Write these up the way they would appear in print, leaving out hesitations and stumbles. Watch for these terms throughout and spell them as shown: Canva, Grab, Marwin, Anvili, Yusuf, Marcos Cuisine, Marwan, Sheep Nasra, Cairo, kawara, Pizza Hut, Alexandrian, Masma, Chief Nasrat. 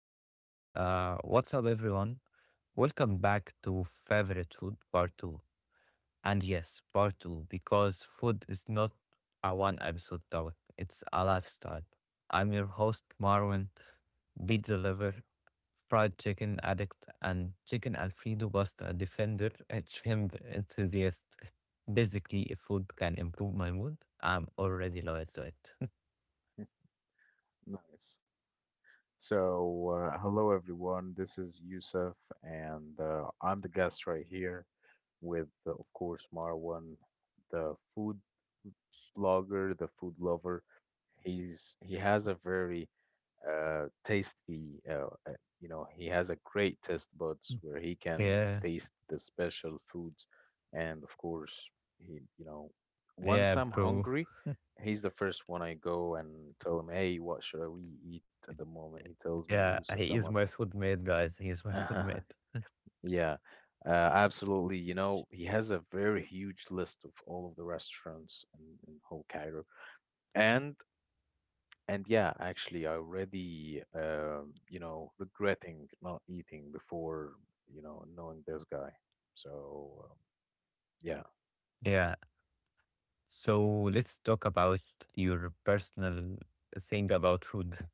yeah. What's up, everyone? Welcome back to Favorite Food Part 2. And yes, Part 2, because food is not a one episode topic, it's a lifestyle. I'm your host, Marwin, pizza lover, fried chicken addict, and chicken Alfredo pasta defender, and shrimp enthusiast. Basically, if food can improve my mood, I'm already loyal to it. Nice. So, hello everyone. This is Yusuf, and I'm the guest right here with, of course, Marwan, the food blogger, the food lover. He has a very tasty. You know, he has a great taste buds where he can Yeah, taste the special foods, and of course, he you know, yeah, once I'm bro. hungry, he's the first one I go and tell him, "Hey, what should we eat at the moment?" He tells me, Yeah, "Yusuf, he come is on." my food mate, guys. He is my food mate. Yeah, uh, Absolutely. You know, he has a very huge list of all of the restaurants in whole Cairo. And And yeah, actually, I already, you know, regretting not eating before, you know, knowing this guy. So, um, yeah, Yeah. So let's talk about your personal thing about food.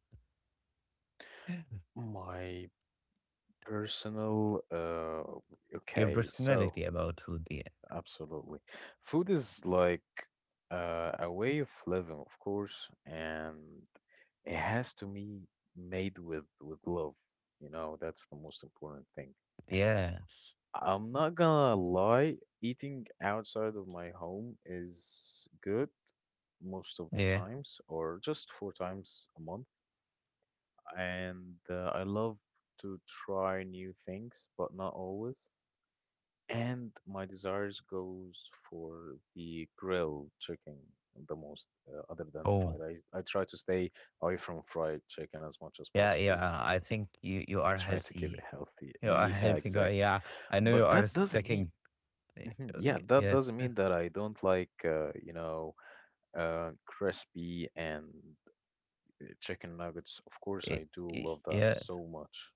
my personal, Your okay, so personality about food. Yeah. absolutely. Food is like a way of living, of course, and it has to be made with love. You know, that's the most important thing. Yeah. I'm not gonna lie, eating outside of my home is good most of the Yeah. times, or just four times a month. And I love to try new things, but not always. And my desires goes for the grilled chicken the most, other than fried. Oh. I try to stay away from fried chicken as much as Yeah, possible. yeah. I think you are Try to keep it healthy. healthy. You are Yeah, healthy guy. exactly. Yeah. I know you But are that doesn't mean sticking. mhm. Yeah, that doesn't Yes. mean that I don't like, you know, crispy and chicken nuggets. Of course, Eh, I do love that Yeah. so much.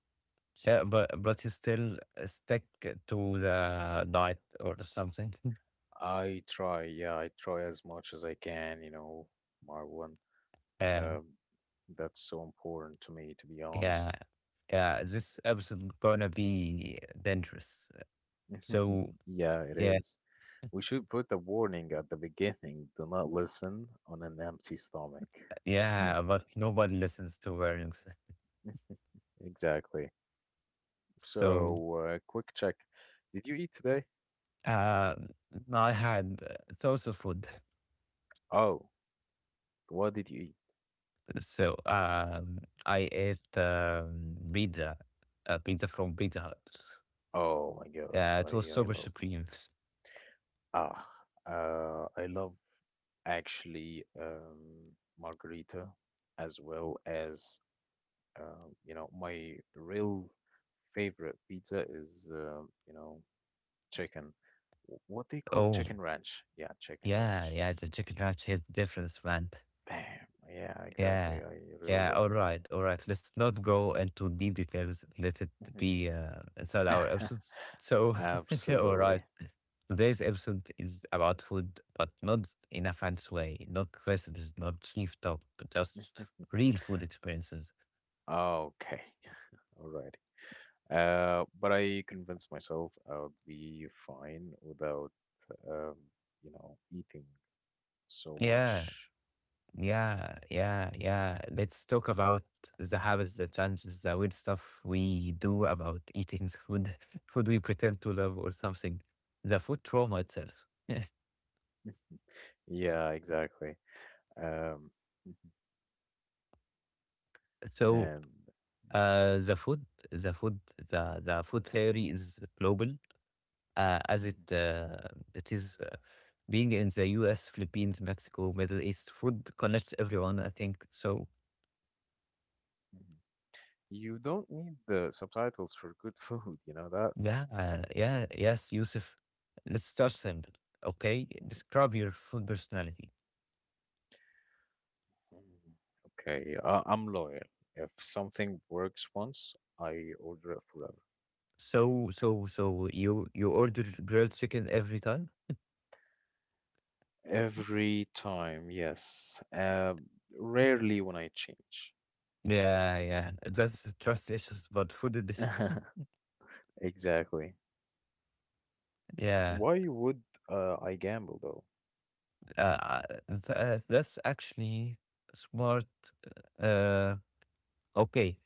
Yeah, but you still stick to the diet or something. I try, yeah, I try as much as I can, you know, Marwan. Yeah. Um, that's so important to me, to be Yeah, honest. yeah, this episode gonna be dangerous. So Yeah, it yeah, is. We should put a warning at the beginning. Do not listen on an empty stomach. yeah, but nobody listens to warnings. Exactly. So So, quick check. Did you eat today? um, I had thoughts of food. Oh, what did you eat? So I ate pizza from Pizza Hut. Oh my God, Yeah, it was I super love supreme. ah I love actually margarita as well as you know my real favorite pizza is you know chicken what they call Oh chicken ranch, yeah, chicken yeah, ranch yeah, the chicken ranch hit difference, man. bam, yeah, exactly, Yeah. I really Yeah. love All right. All right. Let's not go into deep details. Let it be inside it. our episodes. So, all right. Absolutely. Today's episode is about food, but not in a fancy way, not recipes, not chief talk, but just real food experiences. Okay. All right. But I convinced myself I would be fine without um, you know, eating so Yeah. much. Yeah. Yeah. Yeah. Let's talk about the habits, the challenges, the weird stuff we do Mhm. about eating food, food we pretend to love or something, the food trauma itself. Yeah, exactly. Um, So, and yeah, the food theory is global, as mhm, it is being in the U.S., Philippines, Mexico, Middle East. Food connects everyone, I think. So mhm, You don't need the subtitles for good food, you know that? yeah, yeah, yes, Yusuf. Let's start simple, okay? Describe your food personality. Mhm. Okay, I'm loyal. If something works once, I order it forever. So you order grilled chicken every time? Every time, yes. Rarely when I change. Yeah, yeah. That's trust issues, but food edition. Exactly. Yeah, Why would I gamble though? uh, that's actually smart. Uh, okay.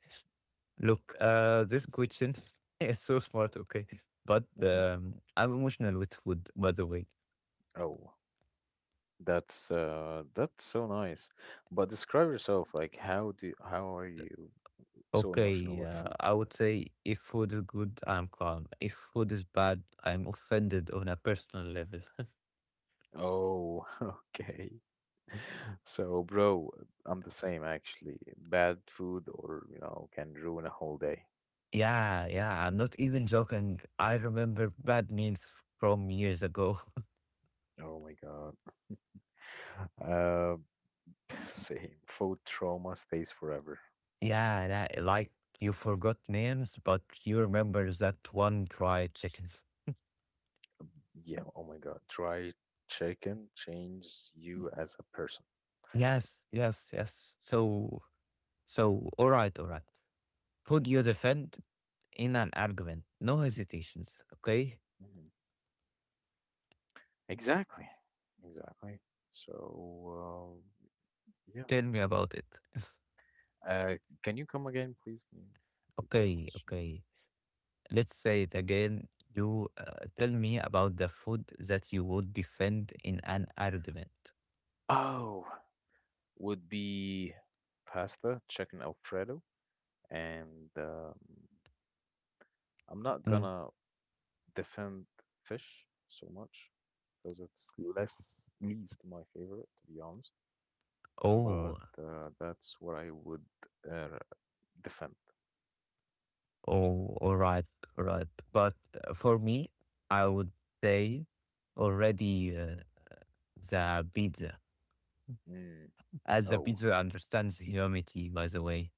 Look, this question is so smart. Okay, but Mhm. I'm emotional with food. By the way, Oh. That's so nice. But describe yourself. Like, how are you so emotional okay. with food? I would say if food is good, I'm calm. If food is bad, I'm offended on a personal level. Oh, okay. So, bro, I'm the same actually. Bad food or, you know, can ruin a whole day. Yeah, yeah. I'm not even joking. I remember bad meals from years ago. Oh my God. Uh, Same. Food trauma stays forever. Yeah, that, like you forgot names, but you remember that one fried chicken. Yeah, oh my God. Dry chicken changes you as a person. Yes, yes, yes. So, all right, all right. Who do you defend in an argument? No hesitations, okay? Mhm. Exactly. Exactly. So, um, yeah. Tell me about it. Uh, can you come again, please? Can you repeat that Okay, question? okay. Let's say it again. You tell me about the food that you would defend in an argument. Oh, would be pasta, chicken Alfredo, and I'm not Mm. gonna defend fish so much because it's less least my favorite, to be honest. But Oh, that's what I would uh, defend. oh, all right, all right. But for me, I would say already the pizza. Mm, As the oh, pizza understands humanity, by the way.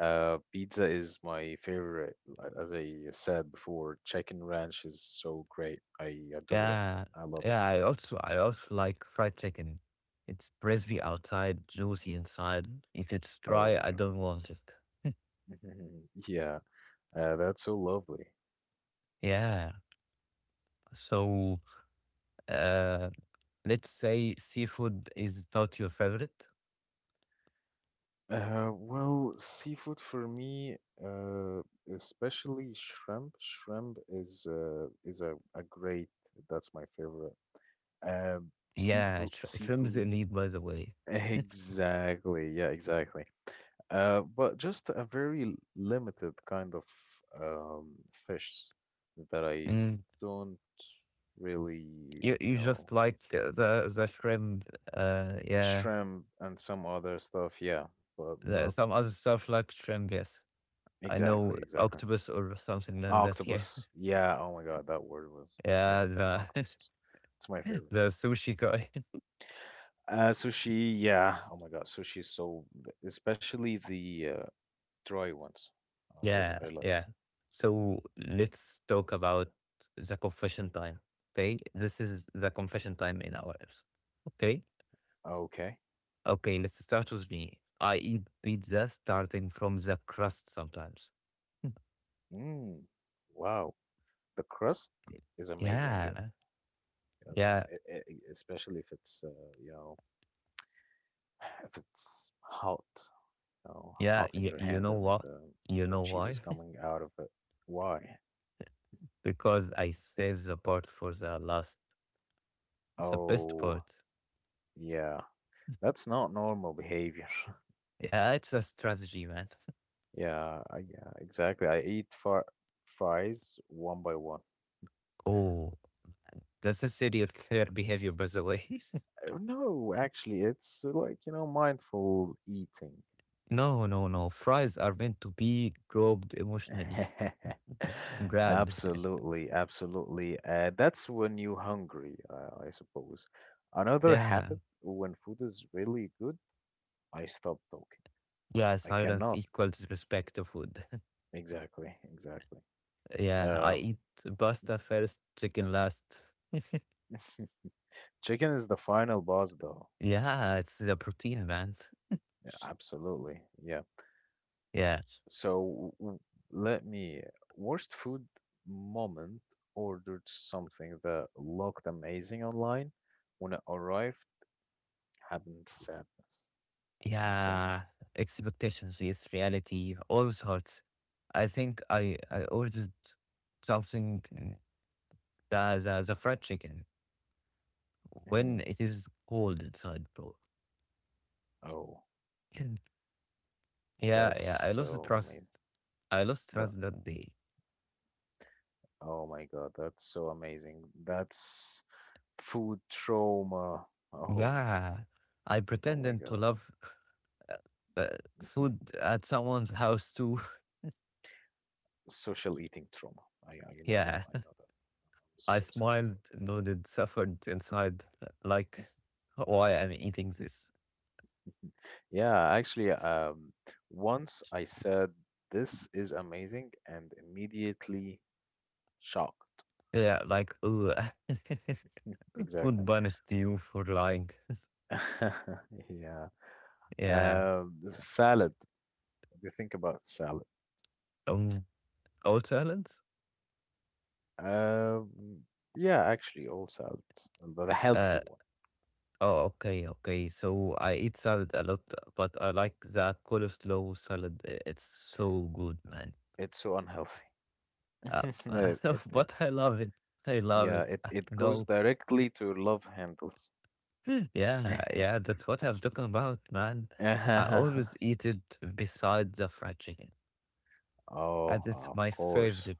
pizza is my favorite. Like, as I said before, chicken ranch is so great. I adore it. Yeah, I love it. yeah. I also like fried chicken. It's crispy outside, juicy inside. If it's Oh dry, my I don't want it. God. Yeah, that's so lovely. Yeah. So, uh, let's say seafood is not your favorite. Well, seafood for me, uh, especially shrimp. Shrimp is a great. That's my favorite. Um, Yeah, Seafood, shrimp is seafood. elite, by the way. Exactly. Yeah, exactly. But just a very limited kind of um, fish that I Mm. don't really, You you you know. just like the shrimp. Yeah. Shrimp and some other stuff, yeah, but not Some other stuff like shrimp. Yes, I know exactly, exactly. octopus or something like that. Yeah, Octopus, yeah, oh my god, that word was, yeah, yeah. The octopuses. It's my favorite. the sushi guy. Sushi, yeah, oh my god, sushi is so, especially the dry ones. Yeah, I like. yeah. So let's talk about the confession time. Okay, this is the confession time in our episode. Okay, Okay. okay. Let's start with me. I eat pizza starting from the crust sometimes. Mm, wow, the crust is amazing. Yeah, uh, yeah, the- e- e- especially if it's, you know, if it's hot. Oh, yeah. hot in You, your you hand know and what? You the know cheese is why? coming out of it. Why? Because I save the part for the last, the best Oh, part. yeah. That's not normal behavior. Yeah, it's a strategy, man. Yeah, I, yeah, exactly. I eat fr fries one by one. Oh, that's a serial killer behavior, by the way. No, actually, it's like, you know, mindful eating. No, no, no. Fries are meant to be groped emotionally. Grand. Absolutely, absolutely. That's when you're hungry, I suppose. Another Yeah. habit when food is really good, I stop talking. Yeah, I silence cannot. equals respect to food. Exactly, exactly. Yeah, I Um, eat pasta first, chicken last. Chicken is the final boss, though. Yeah, it's the protein, man. Yeah, absolutely. Yeah. Yeah. So w- Let me worst food moment ordered something that looked amazing online. When it arrived, happened sadness. You tell me. Yeah. Expectations is reality, all sorts. I think I ordered something, the fried chicken when Mhm. it is cold inside, bro. Oh, Yeah, that's yeah, I lost the so trust. amazing, I lost bro. trust that day. Oh my God, that's so amazing. That's food trauma. Oh, Yeah, I oh my pretended to God. love uh, uh, food at someone's house too. Social eating trauma. I you know that Yeah, I know that. I'm I so sad for. smiled, nodded, suffered inside, like why am I eating this. Yeah, actually, once I said this is amazing and immediately shocked. Yeah, like ugh. Food Exactly. banished you for lying. Yeah. Yeah. Salad. What do you think about salad? Um. Oh, salads. Um, yeah, actually, all salads, the Uh. healthy one. Oh, okay, okay. So I eat salad a lot, but I like that coleslaw salad. It's so good, man. It's so unhealthy. Uh, uh, It, so, it, it, but I love it. I love yeah, it. it, it goes No, directly to love handles. yeah, yeah, that's what I'm talking about, man. I always eat it beside the fried chicken, Oh, and it's of my course, favorite.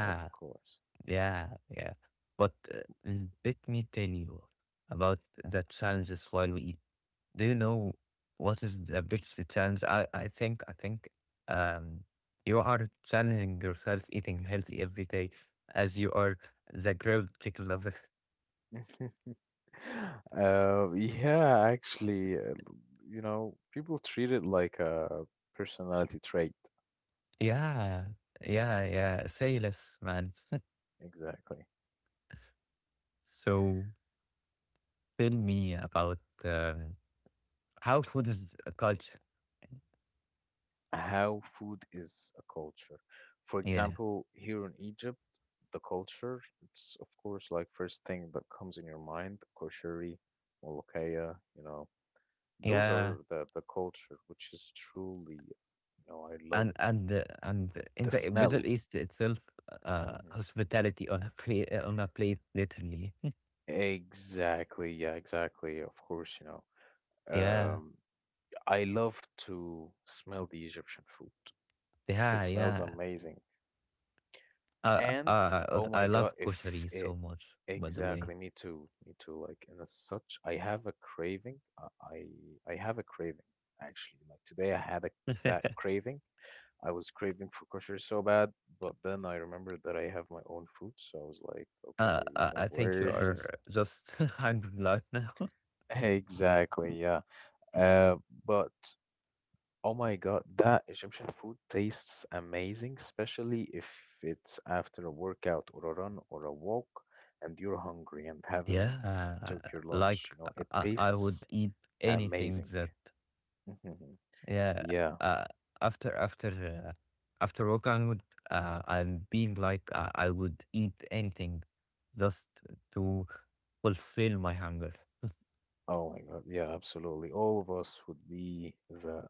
of course. yeah, yeah. But let me tell you about the challenges while we eat. Do you know what is the biggest challenge? I think, um, you are challenging yourself eating healthy every day, as you are the grilled chicken lover. Yeah, actually, you know, people treat it like a personality trait. Yeah, yeah, yeah. Say less, man. Exactly. So tell me about how food is a culture. How food is a culture. For Yeah, example, here in Egypt, the culture, it's of course like first thing that comes in your mind, koshari, molokhaya, you know, those yeah, are the culture, which is truly, you know, I and love and uh, and in the the Middle smell. East itself, Mm-hmm. hospitality on a plate, on a plate, literally. Exactly, yeah, exactly. Of course, you know. Yeah, Um, I love to smell the Egyptian food. It yeah, smells yeah. amazing. Uh, And oh I my God, love if koshari it so much. By the way, exactly me too, me too. Like and as such, I have a craving. I have a craving actually. Like today, I had a, that uh, craving. I was craving for kosher so bad, but then I remembered that I have my own food, so I was like, okay, I you know, I think you where is are just hungry right now. exactly, yeah. Uh, but oh my God, that Egyptian food tastes amazing, especially if it's after a workout or a run or a walk and you're hungry and haven't Yeah, took your lunch. like You know, it I tastes would eat anything amazing. that, yeah. Yeah. Uh, after after uh, after work, I'm being like I would eat anything just to fulfill my hunger. Oh my God. Yeah, absolutely. All of us would be the.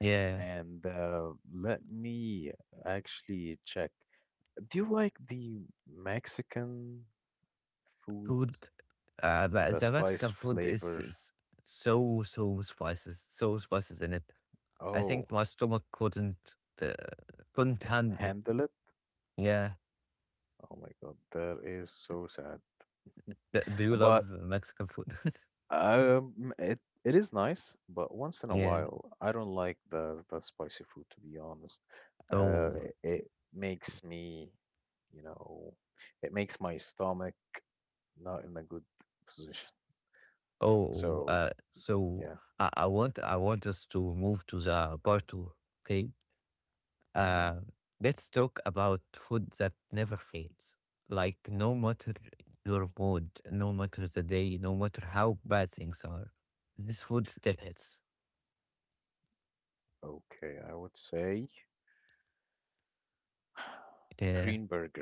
Yeah, And let me actually check. Do you like the Mexican food, food. But the the spice Mexican food is, flavor? is so spices, so spices in it. I Oh. think my stomach uh, couldn't handle it. Handle it. Yeah. Oh my god, that is so sad. Do you But love Mexican food? It it is nice, but once in a Yeah. while, I don't like the spicy food to be honest. Oh, It, it makes me, you know, it makes my stomach not in a good position. oh, So so yeah, I want us to move to the part two. Okay. hmm Uh, let's talk about food that never fails. Like no matter your mood, no matter the day, no matter how bad things are, this food still hits. okay, I would say Yeah. green burger,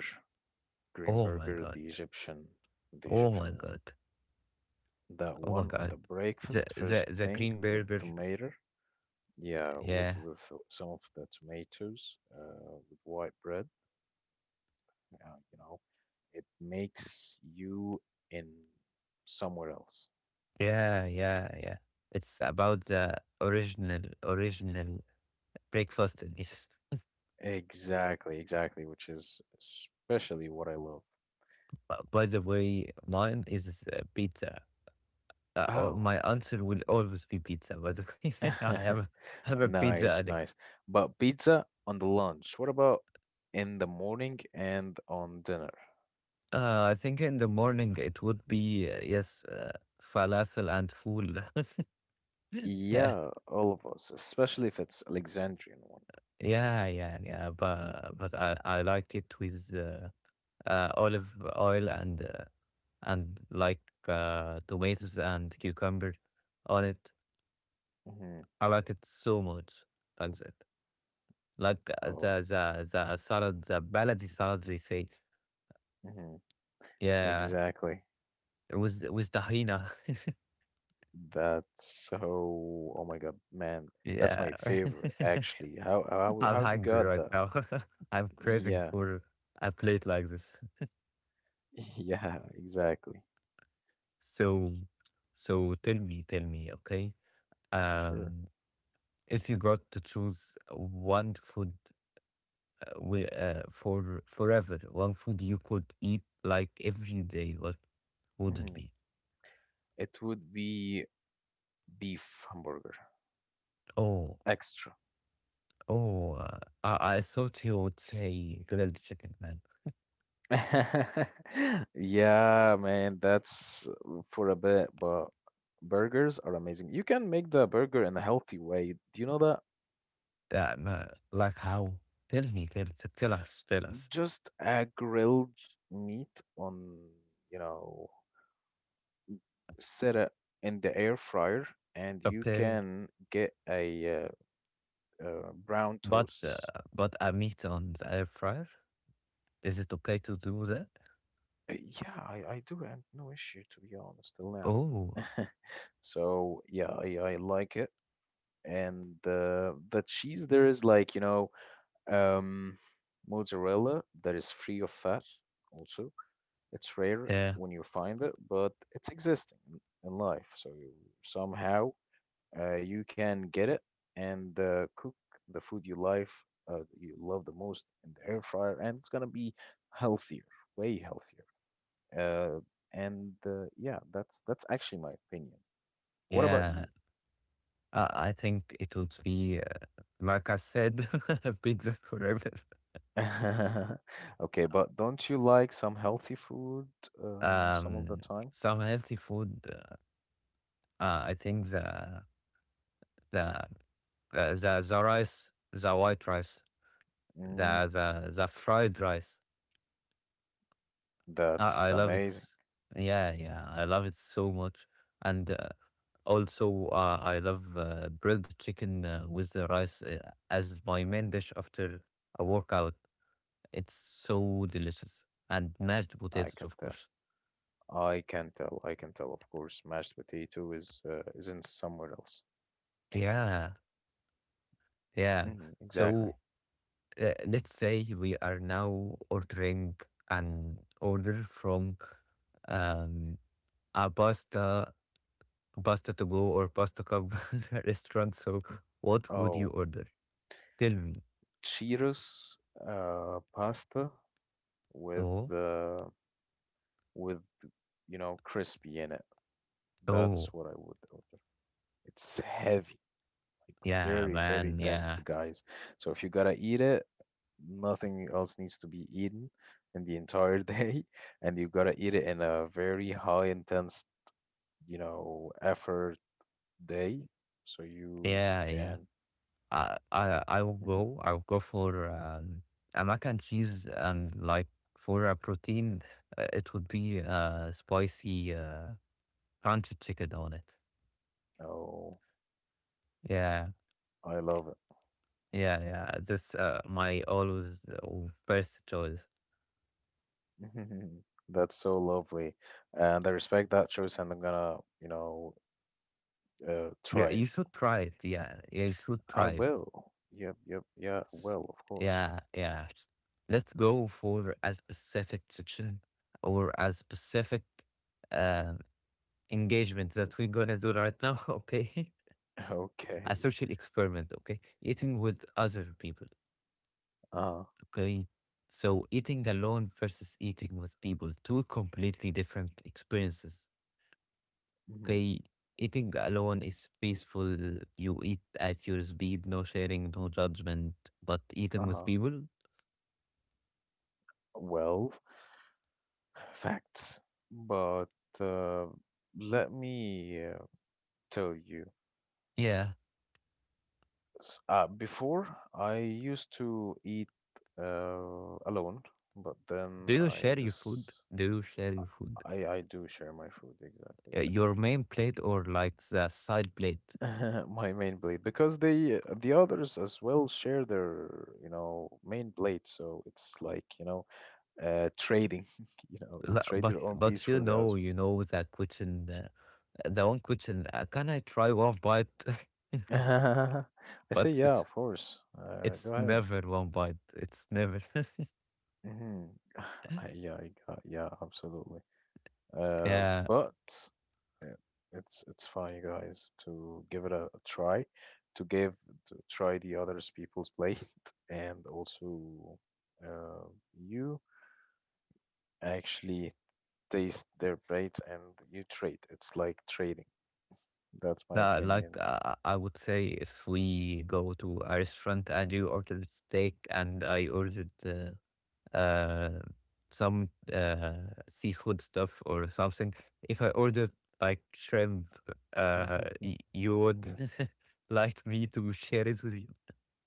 green Oh my burger, God. The Oh Egyptian my one. God. That Oh my one on the God. The breakfast the first the thing green with burger. tomato. Yeah, with Yeah. with so, some of the tomatoes, with white bread. You know, it makes you in somewhere else. Yeah. Yeah. Yeah. It's about the original breakfast is, Exactly, exactly, which is especially what I love. By the way, mine is pizza. Oh, Oh, my answer will always be pizza. By the way, I'm a pizza nice, addict. nice. But pizza on the lunch. What about in the morning and on dinner? I think in the morning it would be yes, falafel and fool. Yeah, Yeah, all of us, especially if it's Alexandrian one. yeah, yeah. But I liked it with olive oil and like tomatoes and cucumber on it. Mm-hmm. I like it so much. Like that. Like Oh, the salad, the baladi salad they say. hmm Yeah. exactly. With tahina. That's so. Oh my God, man, that's Yeah. my favorite actually. How how I'm how have you hungry got right that? now. I'm craving Yeah, for a plate like this. yeah, exactly. So so tell me, okay? Sure. Um if you got to choose one food for forever, one food you could eat like every day, what would it Hmm. be? It would be beef hamburger, Oh, extra. oh, I thought you would say grilled chicken, man. Yeah, man, that's for a bit, but burgers are amazing. You can make the burger in a healthy way. Do you know that? Like how? Tell me, tell us, tell us. Just a grilled meat on, you know. Set it in the air fryer and you Okay, can get a brown but uh, toast. but I meat on the air fryer. Is it okay to do that? Yeah, I do have no issue to be honest till now. Oh, So yeah, I like it. And the cheese there is like, you know, um, mozzarella that is free of fat also. It's rare yeah, when you find it, but it's existing in life. So you somehow you can get it and cook the food you like, you love the most in the air fryer, and it's gonna be healthier, way healthier. Uh, and yeah, that's actually my opinion. What about yeah. you? I think it would be like I said, pizza forever. Okay, but don't you like some healthy food some of the Um, time? some healthy food. I think the the rice, the white rice, Mm, the fried rice. I, that's I love it. amazing. Yeah, yeah, I love it so much. And also, I love grilled chicken with the rice as my main dish after a workout. It's so delicious. And mashed I potatoes, can of tell. course. I can tell. I can tell. Of course, mashed potato is isn't somewhere else. Yeah, yeah. Hmm, exactly. So let's say we are now ordering an order from um, a pasta, pasta to go or pasta cup restaurant. So what would you Oh. order? Good. Cheetos pasta with Oh, uh, with you know crispy in it. That's oh, what I would order. It's heavy, like yeah, very man, dense, yeah, guys. So if you gotta eat it, nothing else needs to be eaten in the entire day, and you gotta eat it in a very high intense you know effort day, so you yeah, yeah. can. I will Mhm. go. I will go for a mac and cheese, and like for a protein, it would be spicy crunchy chicken on it. Oh, Yeah, I love it. yeah, yeah. This my always first choice. That's so lovely. And I respect that choice, and I'm gonna, you know, Yeah, try. you should try it. Yeah, yeah, you should I try it. will. Yep, yep, yeah, S- will, of course. Yeah, yeah. Let's go for a specific section or a specific uh, engagement that we're gonna do right now. Okay, a Okay. social experiment. Okay, eating with other people. Uh, Okay, so eating alone versus eating with people, two completely different experiences. Hmm. Okay, eating alone is peaceful. You eat at your speed, no sharing, no judgment. But eating with uh, people, well, facts. But uh, let me tell you. yeah. Before, I used to eat alone, but Do then you I share your food? just Do you share your food? I do share my food exactly. Your main plate or like the side plate? My main blade because the others as well share their main blade, so it's like trading. You La- trade But your own piece but you for the others. know you know that question the one question can I try one bite? I say But yeah, it's of course. Go it's ahead. never one bite. It's never. Hmm. Yeah, yeah, absolutely. Uh, Yeah, but uh, it's fine, you guys, to give it a try, to give to try the others people's blade, and also uh, you. Actually taste their plates and you trade. It's like trading. That's my no, like opinion. I would say if we go to a restaurant and you ordered steak and I ordered uh, some seafood stuff or something. If I ordered like shrimp, y- you would like me to share it with you.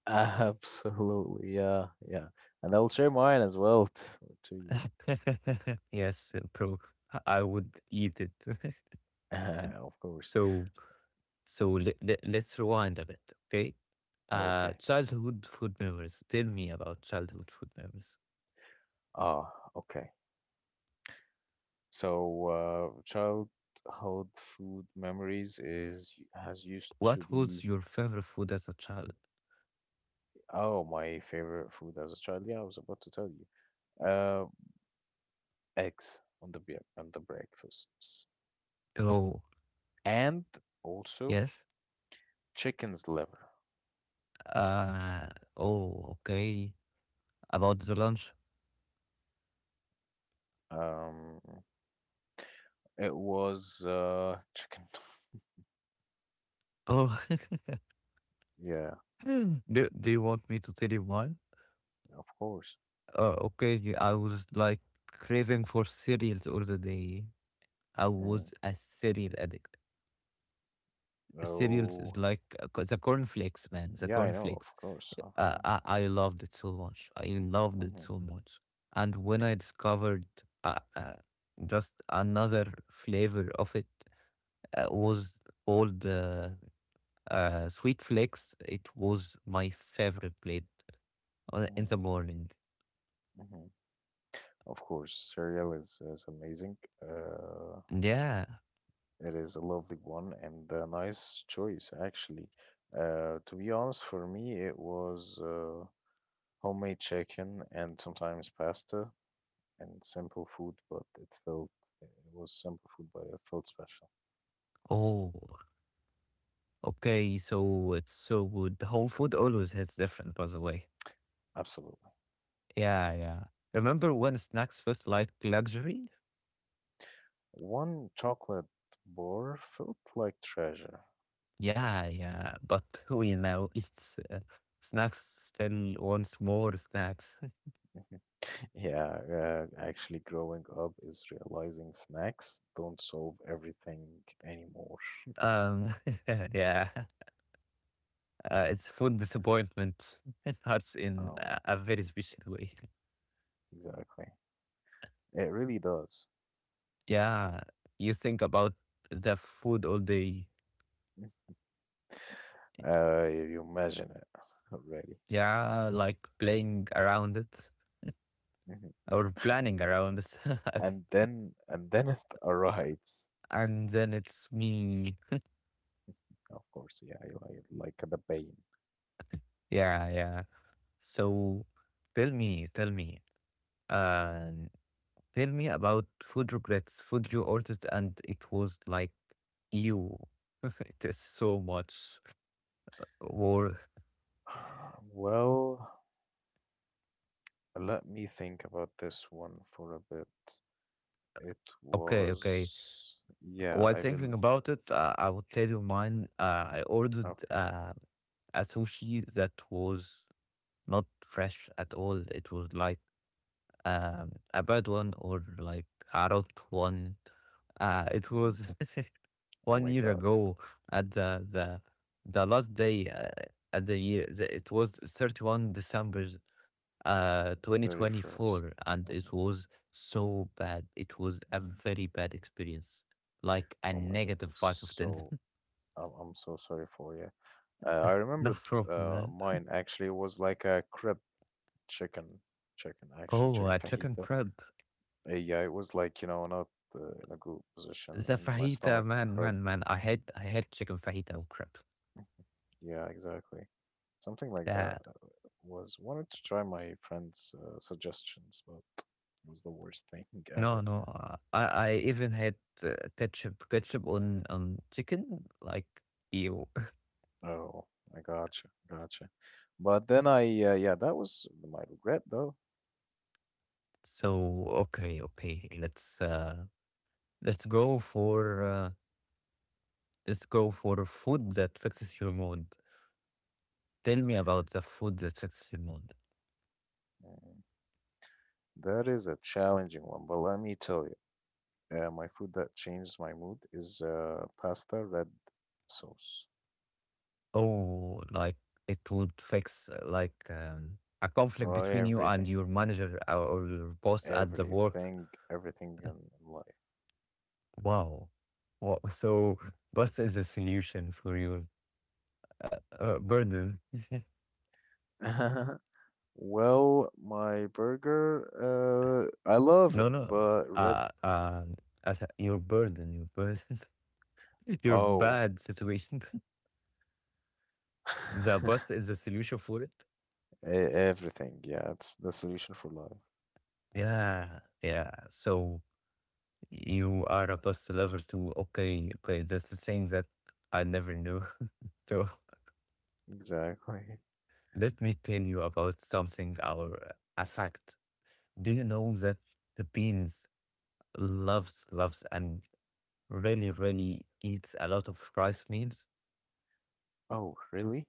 Absolutely, yeah, yeah. And I'll share mine as well t to you. Yes, bro, I would eat it. Of course. so let's rewind a bit, okay? Okay. Childhood food memories. Tell me about childhood food memories. Ah, okay. So, childhood food memories is has used to What was be. your favorite food as a child? Oh, my favorite food as a child. Yeah, I was about to tell you. Eggs on the breakfasts, Oh, and also yes. chicken's liver. Uh, oh, okay. About the lunch? Um, it was chicken. Oh, Yeah, do you want me to tell you mine? of course. Okay, y- I was like craving for cereals all the day. I Mm. was a cereal addict. Cereals is Oh, like co- the cornflakes, man. The yeah, I know, cornflakes. of course. I loved it so much. I loved it Mm-hmm. so much. And when I discovered uh, uh, just another flavor of it was all the Sweet Flicks. It was my favorite plate in Hmm. the morning. Hmm. Of course, cereal is amazing. Uh, Yeah. it is a lovely one and a nice choice, actually. To be honest, for me, it was homemade chicken and sometimes pasta. And simple food, but it was simple food, but it felt special. Oh, okay. So it's so good. The whole food always hits different, by the way. Absolutely. Yeah, yeah. Remember when snacks felt like luxury? One chocolate bar felt like treasure. Yeah, yeah. But we know it's snacks still wants more snacks. Yeah, actually, growing up is realizing snacks don't solve everything anymore. Um, yeah. It's food disappointment. It hurts in Oh, a very special way. exactly. It really does. Yeah, you think about the food all day. Mm. You imagine it already. Yeah, like playing around it Mhm. or planning Yeah. around it. I think. And then it arrives. And then it's me. Of course, yeah, like the pain. Yeah, yeah. So tell me, tell me, uh, tell me about food regrets, food you ordered and it was like you. It is so much. Or Well, let me think about this one for a bit. It okay, okay. was, yeah, While I will. thinking about it, I would tell you mine. I ordered Okay. A sushi that was not fresh at all. It was like a bad one or like a rot one. It Hmm. was Oh one my year God, ago at the last day at the year. It was 31st December 31st. 2024, and it Mm-hmm. was so bad. It was a Hmm. very bad experience, like a Oh my God, I'm negative 5 of 10. so I'm, I'm so sorry for you. I No remembered problem, man. mine actually was like a crib chicken, chicken actually Oh, chicken a chicken fajita. crab. Yeah, it was like not in a good position, The and my fajita, stomach hurt. Man, I had chicken fajita and crab. Yeah, exactly. Something like that Yeah. Was wanted to try my friend's suggestions, but it was the worst thing no ever. no I even had ketchup on chicken, like ew. Oh, I gotcha, gotcha. But then yeah, that was my regret though. So okay, let's go for uh let's go for food that fixes your mood. Tell me about the food that fixes your mood. Mm, That is a challenging one, but let me tell you, my food that changes my mood is pasta, red sauce, Oh, like it would fix like a conflict or between you and everything, your manager or your boss at the work. everything, everything in Wow. Wha- So, boss is a solution for your burden. life. Well, my burger, I love it, No, no. but red. Uh, um, as a- your burden, your Oh, bad situation. The E- boss is a solution for it. everything. Yeah, it's the solution for life. Yeah, yeah. So you are a plus level two. Okay, okay, that's the thing that I never knew. So Exactly. let me tell you about something or a fact. Do you know that the beans loves, loves, and really, really eats a lot of rice meals? Oh, really?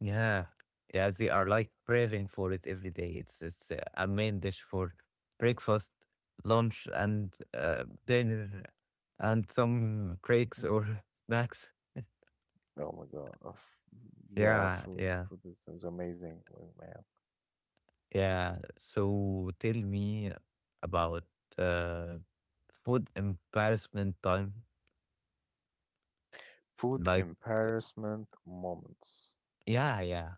Yeah. Yeah, they are like craving for it every day. It's a main dish for breakfast, lunch, and dinner, and some cakes or snacks. Oh my God. Yeah, Yeah, food. yeah. Food is amazing, oh, man. Yeah, so tell me about uh, food embarrassment time. Food Like, embarrassment moments. yeah, yeah,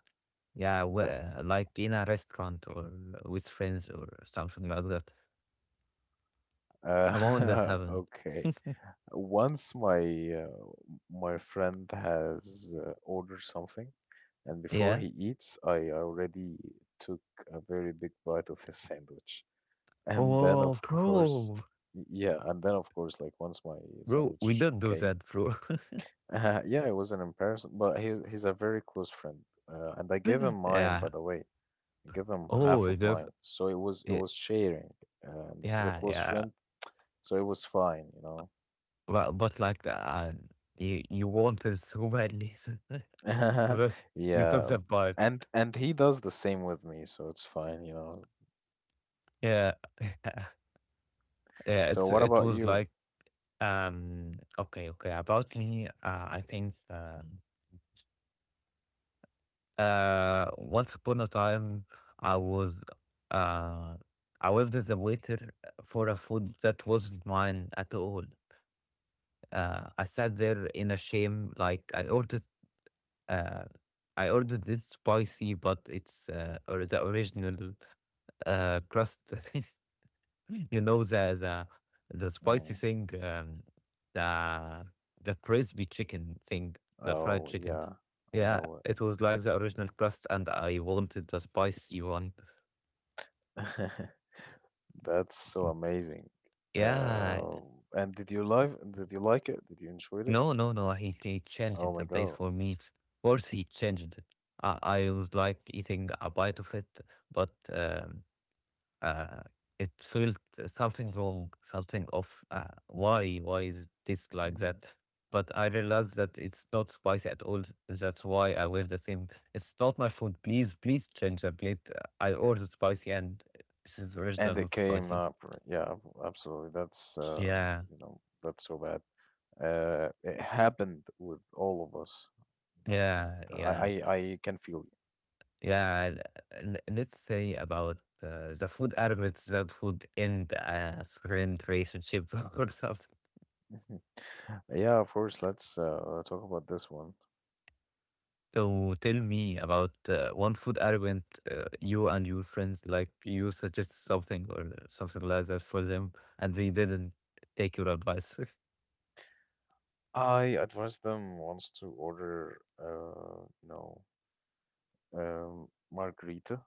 yeah, The wh- like in a restaurant or with friends or something like that. A moment that happened. Okay. Once uh, my friend has ordered something. And before Yeah. he eats, I already took a very big bite of his sandwich. And then, Oh, of course, bro, yeah, and then, of course, like once my bro, we sandwich don't do came, that, bro. Yeah, it was an embarrassment, but he's a very close friend. And I gave him mine, Yeah. by the way. I gave him Oh, half it of does- mine. So it was it it- was sharing. And he's a yeah, close yeah. friend, so it was fine, you know." But like you you wanted so badly, but you took Yeah. that part. And he does the same with me, so it's "fine, you know." Yeah. Yeah, So it's what it about was you? like okay, okay, about me. I think once upon a time I was uh I was as a waiter for a food that wasn't mine at all. I sat there in a shame. Like uh I ordered this spicy, but it's or the original crust. You know the spicy Hmm. thing, the the crispy chicken thing, the fried Oh, chicken. yeah, I Yeah, know it was like the original crust, and I wanted the spicy one. it. That's so amazing. Yeah, Uh, and did you like it? Did you enjoy it? No. He Oh changed my the plate God. for me. Of course, he changed it. I was like eating a bite of it, but Uh, it felt something wrong, something off. Why? Why is this like Hmm that? But I realized that it's not spicy at all. That's why I wear the same. It's not my food. Please change the plate. I ordered spicy and this is And original, it not came spicy. up. R- Yeah, ab- absolutely. That's Yeah, you know, that's so bad. It happened with all of us, you know, and yeah, yeah, I can feel yeah. L- l- Let's say about the food elements that would end a friend relationship or something. you. Yeah, of course. Let's talk about this one. So tell me about one food argument you and your friends, like you suggest something or something like that for them and they didn't take your advice. I advise them once to order, you know, margarita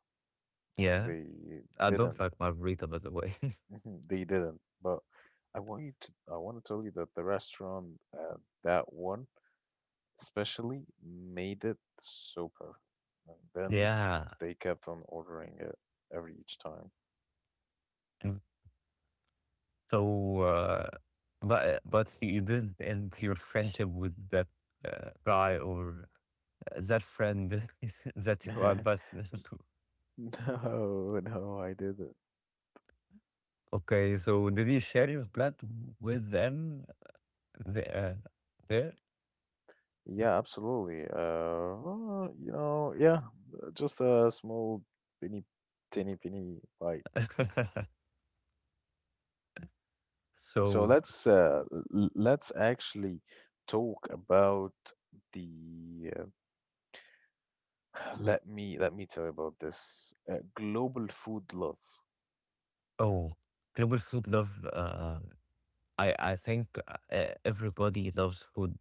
Yeah. They I don't didn't. like margarita, by the way. Mhm, They didn't. But I want you to, I want to tell you that the restaurant, that one especially, made it so perfect. And then Yeah. they kept on ordering it every each time. Mm. So but you didn't end your friendship with that guy or that friend that you advised them to. No, no, I didn't. Okay, so did you share your plan with them there? there? Yeah, absolutely. Well, you know, yeah, just a small, penny, tiny, penny bite. So So, let's l- let's actually talk about the let me tell you about this global food love. oh, global food love. I think everybody loves food.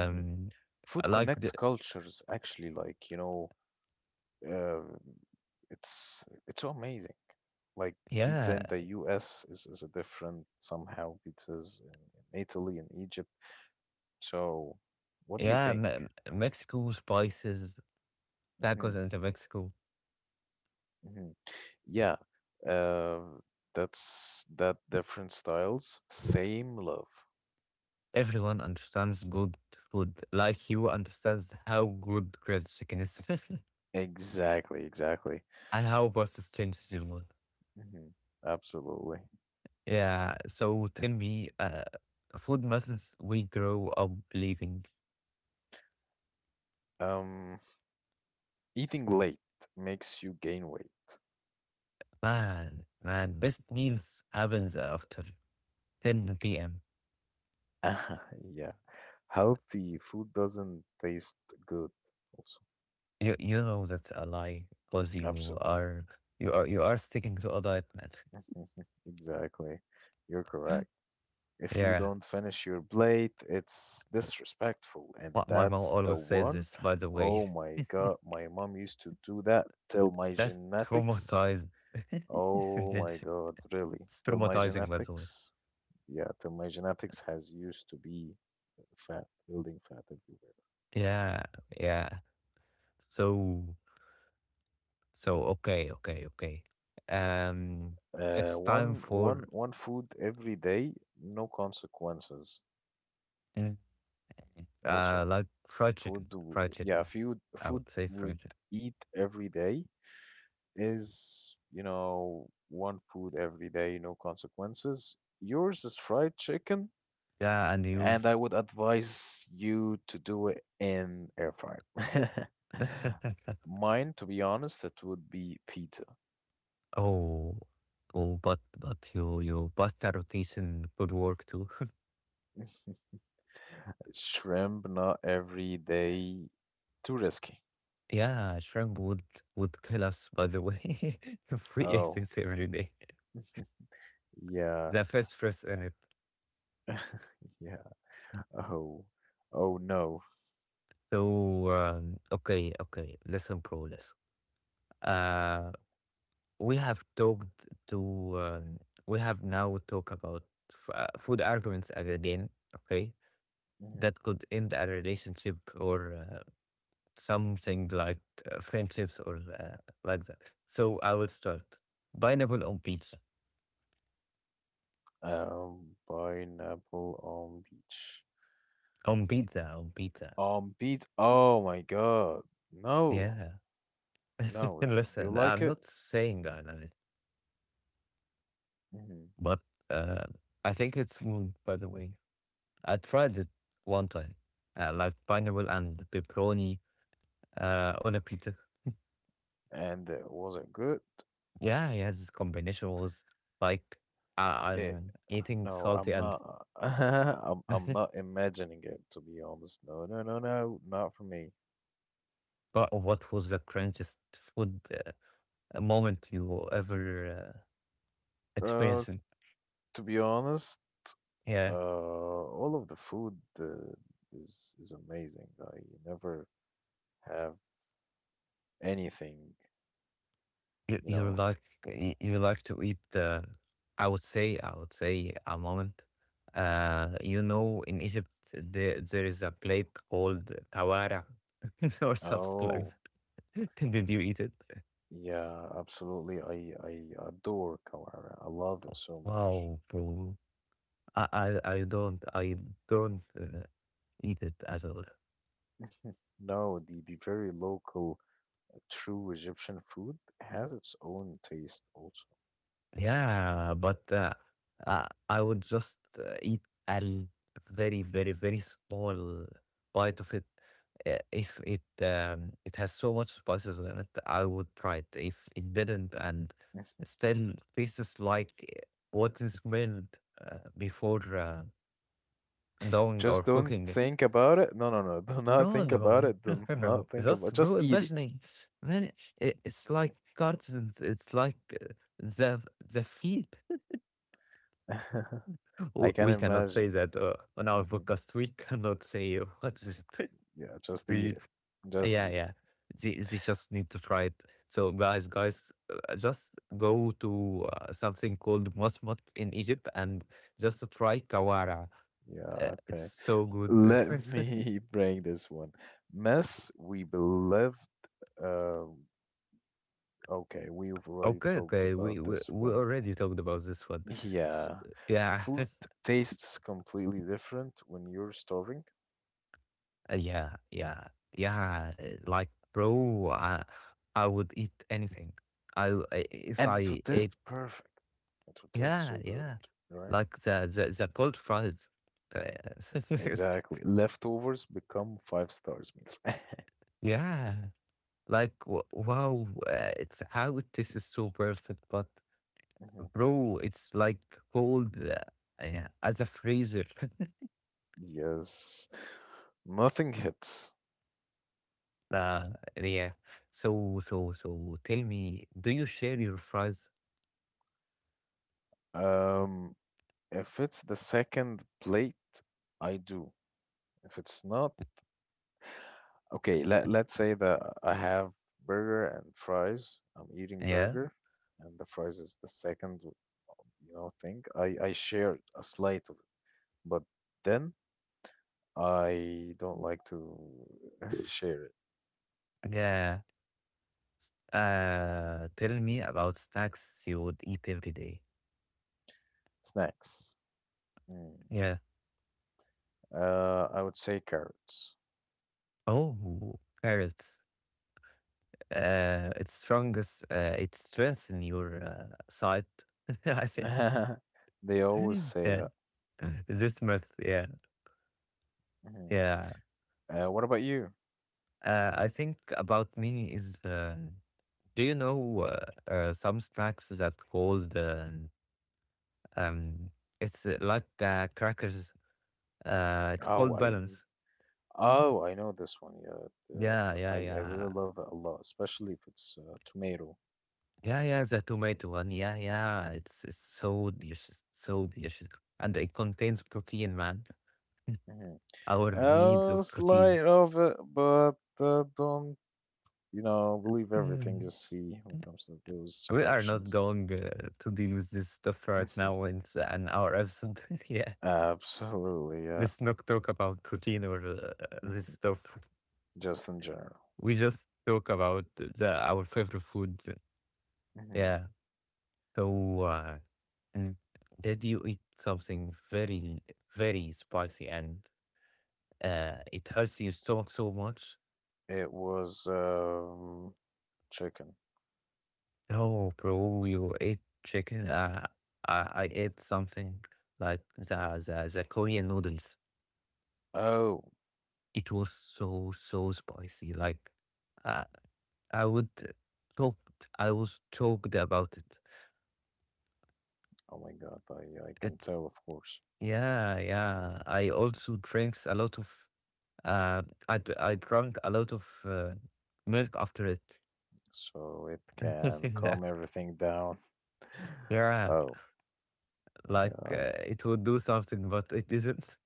Mhm. I Food like connects the cultures actually like you know uh, it's so amazing. Like pizza yeah in the US is a different somehow pizzas in Italy and Egypt. So what do you yeah think? me- Mexico spices Hmm tacos into Mexico. hmm Yeah, uh, that's that different styles, same love. Everyone understands good food, like you understands how good grilled chicken is Exactly, exactly. and how pasta changes the world. hmm Absolutely. Yeah. So tell me, food methods we grow up believing. Um, eating late makes you gain weight. Man, best meals happens after 10 p.m. Yeah, healthy food doesn't taste good also. You know that's a lie because Absolutely. You are sticking to a diet, man. Exactly. You're correct. If you Yeah, don't finish your plate, it's disrespectful. And my mom that's the always says one. this. By the way, Oh my God, my mom used to do that till my that's genetics. traumatized. It's Oh my God, really? Till my traumatizing, by the way. genetics? Yeah, till my genetics has used to be fat, building fat everywhere. Yeah, yeah. So Mhm. so okay. Um, it's time One, one, for one food every day, no consequences. mm, Also, like food, w- fried yeah, chicken. food, I food would say fried would chicken. eat every day is, you know, one food every day, no consequences. Yours is fried chicken, Yeah, and you and I would advise you to do it in air fryer. Mine, to be honest, it would be pizza. oh, oh, but your pasta rotation could work too. Shrimp, not every day. Too risky. Yeah, shrimp would kill us. By the way, if we ate Oh, it every day. yeah. The first fresh in it. Yeah. Oh. Oh no. So okay, okay. Listen, pro, listen. Uh, we have talked to. Um, we have now talked about f- food arguments again. Okay, Mhm. that could end a relationship or something like friendships or like that. So I will start pineapple on pizza. Pineapple on beach. On pizza, on pizza. On beach. Oh my God. No, Yeah. no. Do you Listen, like I'm it? not saying I love it, Hmm but uh, I think it's good, by the way. I tried it one time, like pineapple and pepperoni on a pizza. And was it good? Yeah, yeah, this combination was like It I'm eating no, salty I'm and not. I'm not imagining it to be honest. No, no, no, no, not for me. but what was the crunchiest food a moment you will ever Uh, experience. It. to be honest, Yeah, all of the food uh, is amazing. I never have anything, you you know. like you like to eat. I would say a moment. You know, in Egypt there there is a plate called kawara or something like Oh, that. Did you eat it? yeah, absolutely. I adore kawara. I love it so much. Wow, bro. I don't don't uh, eat it at all. No, the very local, true Egyptian food has its own taste also. Yeah, but I would just eat a very small bite of it. If it it has so much spices in it, I would try it. If it didn't, and still tastes like what is smelled before doing or Just don't cooking it. think about it. No, no, no. Do not No, think about no, it. Do not No. think That's about Just bro. eat it. Imagining, man, it, it's like cartons. It's like the feet. I W- can We cannot say imagine. that on our Mhm. podcast. We cannot say what is it? Yeah, just eat We- it. Just yeah, eat it. yeah. They just need to try it. So guys, just go to something called Mosmat in Egypt and just try kawara. Yeah, It's okay. so good. Let me bring this one. Mess, we believe. Uh, okay, we've already Okay, talked okay. about this We one. already talked about this one. So, Yeah. yeah, Food tastes completely different when you're starving, Uh, yeah, yeah, yeah. Like, I would eat anything. I- if and it would I taste ate perfect. It would taste so yeah, good, yeah. right? Like the cold fries. Uh, Exactly. Leftovers become five stars meals. yeah. Like w- wow, it's how this is so perfect, but Mhm. bro, it's like cold yeah, as a freezer. Yes. Nothing hits. Yeah. So tell me, do you share your fries? Um, if it's the second plate, I do. If it's not, okay, let, let's say that I have burger and fries. I'm eating Yeah. burger and the fries is the second, you know, thing. I shared a slice of it, but then I don't like to share it. Yeah. Tell me about snacks you would eat every day. Snacks. Mm. Yeah. I would say carrots. Oh, carrots. It's strongest. It strengthens your side. I think. They always say Yeah, that. this myth. Yeah, Mhm. yeah. What about you? I think about me is. Do you know some snacks that called? Um, it's crackers. It's Oh, called I balance. oh I know this one. Yeah, the, I really Yeah. love it a lot, especially if it's tomato. Yeah, yeah, the tomato one. Yeah, yeah. It's so delicious, and it contains protein, man. Hmm Our needs of protein. slight of it, but don't you know believe everything Mm. you see when it comes to those We are not descriptions. going to deal with this stuff right now in s- an hour episode. Yeah, Absolutely, yeah. let's not talk about protein or this Mhm. stuff. Just in general. We just talk about the, our favorite food. Hmm Yeah. So, and did you eat something very spicy and it hurts your stomach so much It was chicken. no, bro, you ate chicken. I ate something like the Korean noodles. Oh. It was so spicy. Like uh, I would choked. I was choked about it. Oh my God, I can It tell, of course. yeah, yeah. I also drinks a lot of. Uh, I drank a lot of milk after it. So it can calm everything down. Yeah, Oh, like yeah, it would do something, but it didn't.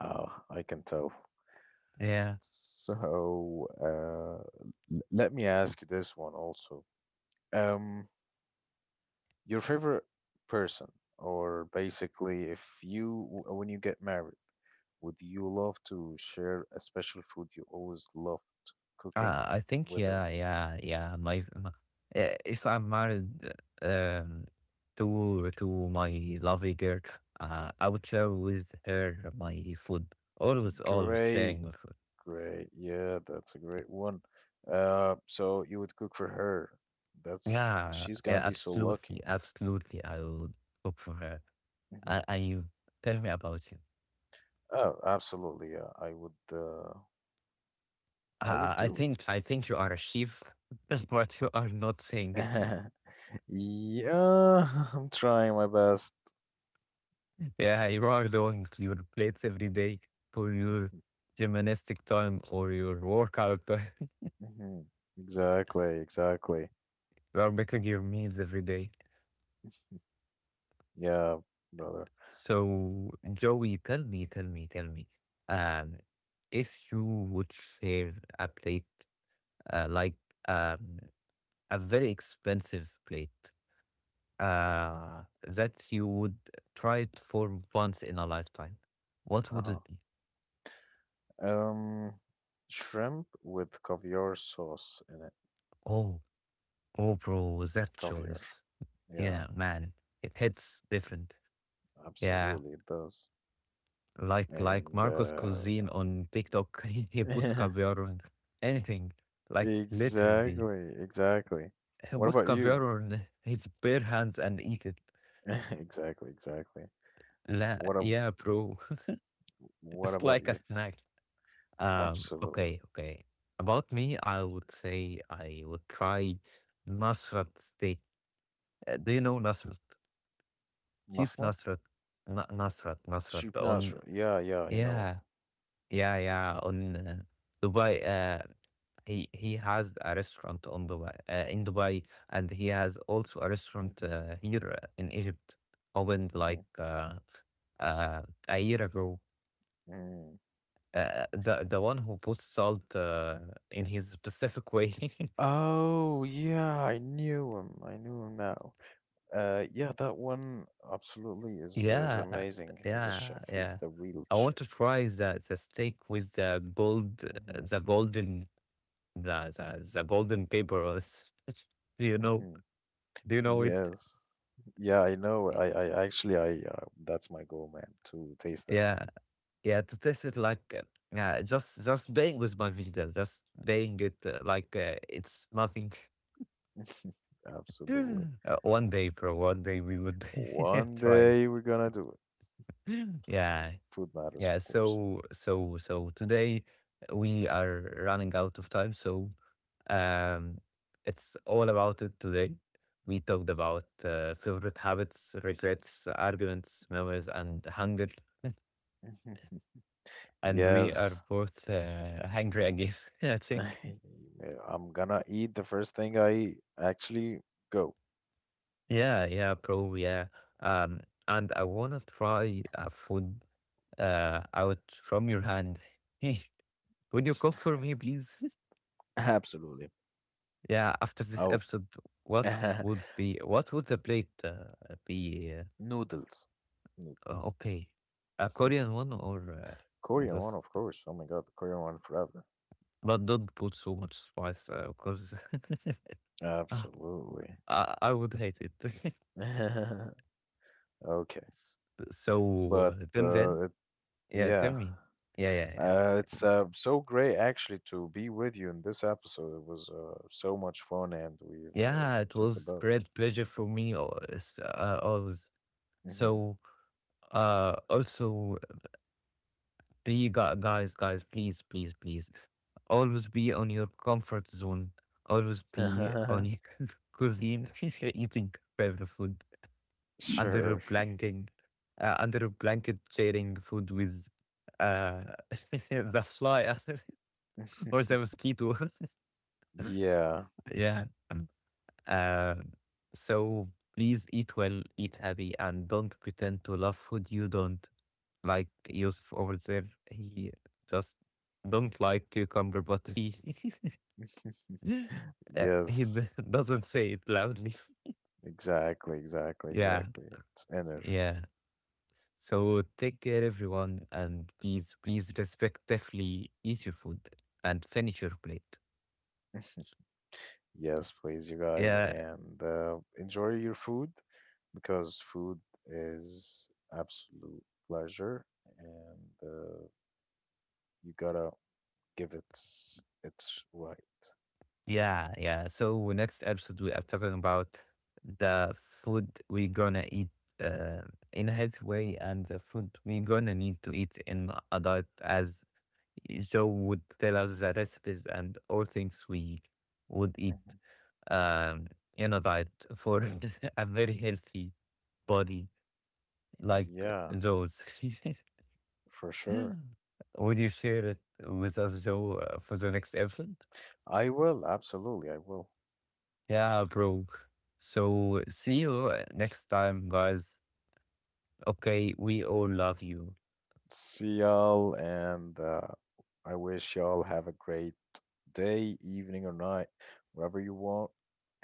I can tell. Yeah. So, l- let me ask you this one also. Um, your favorite person, or basically, if you, w- when you get married, would you love to share a special food you always love cooking I think with her? yeah, yeah, yeah. If I'm married, um, to my lovely girl, I would share with her my food. Always, always Great. sharing my food. Great. Yeah, that's a great one. So you would cook for her. That's Yeah, she's yeah, gonna be so absolutely, lucky. absolutely. I will cook for her. Mhm. And you tell me about you. Oh, absolutely. Yeah, I would. I, I would I do it. think you are a chef, but you are not saying it. Yeah, I'm trying my best. Yeah, you are doing your plates every day for your Mhm, gymnastic time or your workout time. mhm. Exactly. Exactly. You are making your meals every day. Yeah, brother. So, Joey, tell me, tell me, tell me, um, if you would share a plate, like um, a very expensive plate, that you would try it for once in a lifetime, what would Uh-huh. it be? Um, shrimp with caviar sauce in it. Oh, oh, bro, that Caviar. choice. Yeah, Yeah, man, it hits different. Yeah, absolutely. It does. like And Marcos Cuisine on TikTok, he puts caviar on anything, like literally. Exactly, exactly. He What puts about you? caviar on his bare hands and eat it. Exactly, exactly. What ab Yeah, bro, what it's about like a you? snack. Absolutely. Okay, okay. About me, I would say I would try Nasrat steak. Do you know Nasrat? Chief Masma. Nasrat, Nasrat, Nasrat Sheep on Nasra. Yeah, yeah, you know yeah. Yeah, yeah, on Dubai. He has a restaurant on Dubai, in Dubai, and he has also a it. restaurant Hmm here in Egypt, opened hmm like a year ago. Mm. The one who posts salt in his specific way. Oh, yeah, I knew him. I knew him now. Yeah, that one absolutely is Yeah, amazing. He's a yeah, chef. He's yeah. the real I want chef. to try the steak with the gold, Hmm the golden, the golden paper. Do you know? hmm Do you know it? Yes. Yeah, I know. I actually, I, that's my goal, man, to taste it. Yeah, yeah, to taste it like yeah, just playing with my video, just playing it like it's nothing. Absolutely. One day, bro, one day we would One try. day we're gonna do it. Yeah, Food matters, yeah. of course. So today we are running out of time. So um, it's all about it today. We talked about favorite habits, regrets, arguments, memories, and hunger. Mhm. And we are Yes. both hungry again, I think. Yeah, I'm gonna eat the first thing I eat. Actually, go. Yeah, yeah, bro, yeah. Um, and I wanna try a food out from your hand. Hey, would you cook for me, please? Absolutely. Yeah, after this Oh, episode, what would be what would the plate be? Noodles. Noodles. Okay, a Korean one or Korean one, just of course. Oh my God, the Korean one forever. but don't put so much spice because I Absolutely. I would hate it. Okay, So but then it, yeah, tell yeah. me. Yeah, yeah, yeah, exactly. It's so great actually to be with you in this episode. It was so much fun, and we've Yeah, it talked was about. great pleasure for me always. Always. Hmm So also be guys, please, please, please, always be on your comfort zone. Always be on your cuisine, eating favorite food under a Sure. blanket, under a blanket, sharing food with uh, the fly or the mosquito. Yeah. yeah. Uh, so please eat well, eat happy, and don't pretend to love food you don't. Like Yusuf over there, he just don't like cucumber, but he he Yes. doesn't say it loudly. Exactly. Exactly. Yeah, Exactly. It's inner. yeah. So take care, everyone, and please, please respectfully eat your food and finish your plate. Yes, please, you guys, Yeah, and enjoy your food because food is absolute pleasure, and you gotta give it its right. yeah, yeah. So next episode we are talking about the food we gonna eat uh, in a healthy way and the food we gonna need to eat in a diet as Joe would tell us the recipes and all things we would eat Mhm. um in a diet for a very healthy body like Yeah. Joe's. For sure. Would you share it with us, Joe, for the next episode? I will, absolutely, I will. Yeah, bro. So see you next time, guys. Okay, we all love you. See y'all, and I wish y'all have a great day, evening, or night, whatever you want,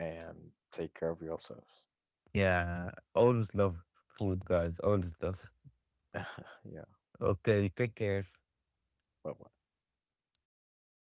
and take care of yourselves. Yeah, always love food, guys. Always love. Yeah, Okay, take care. bye bye.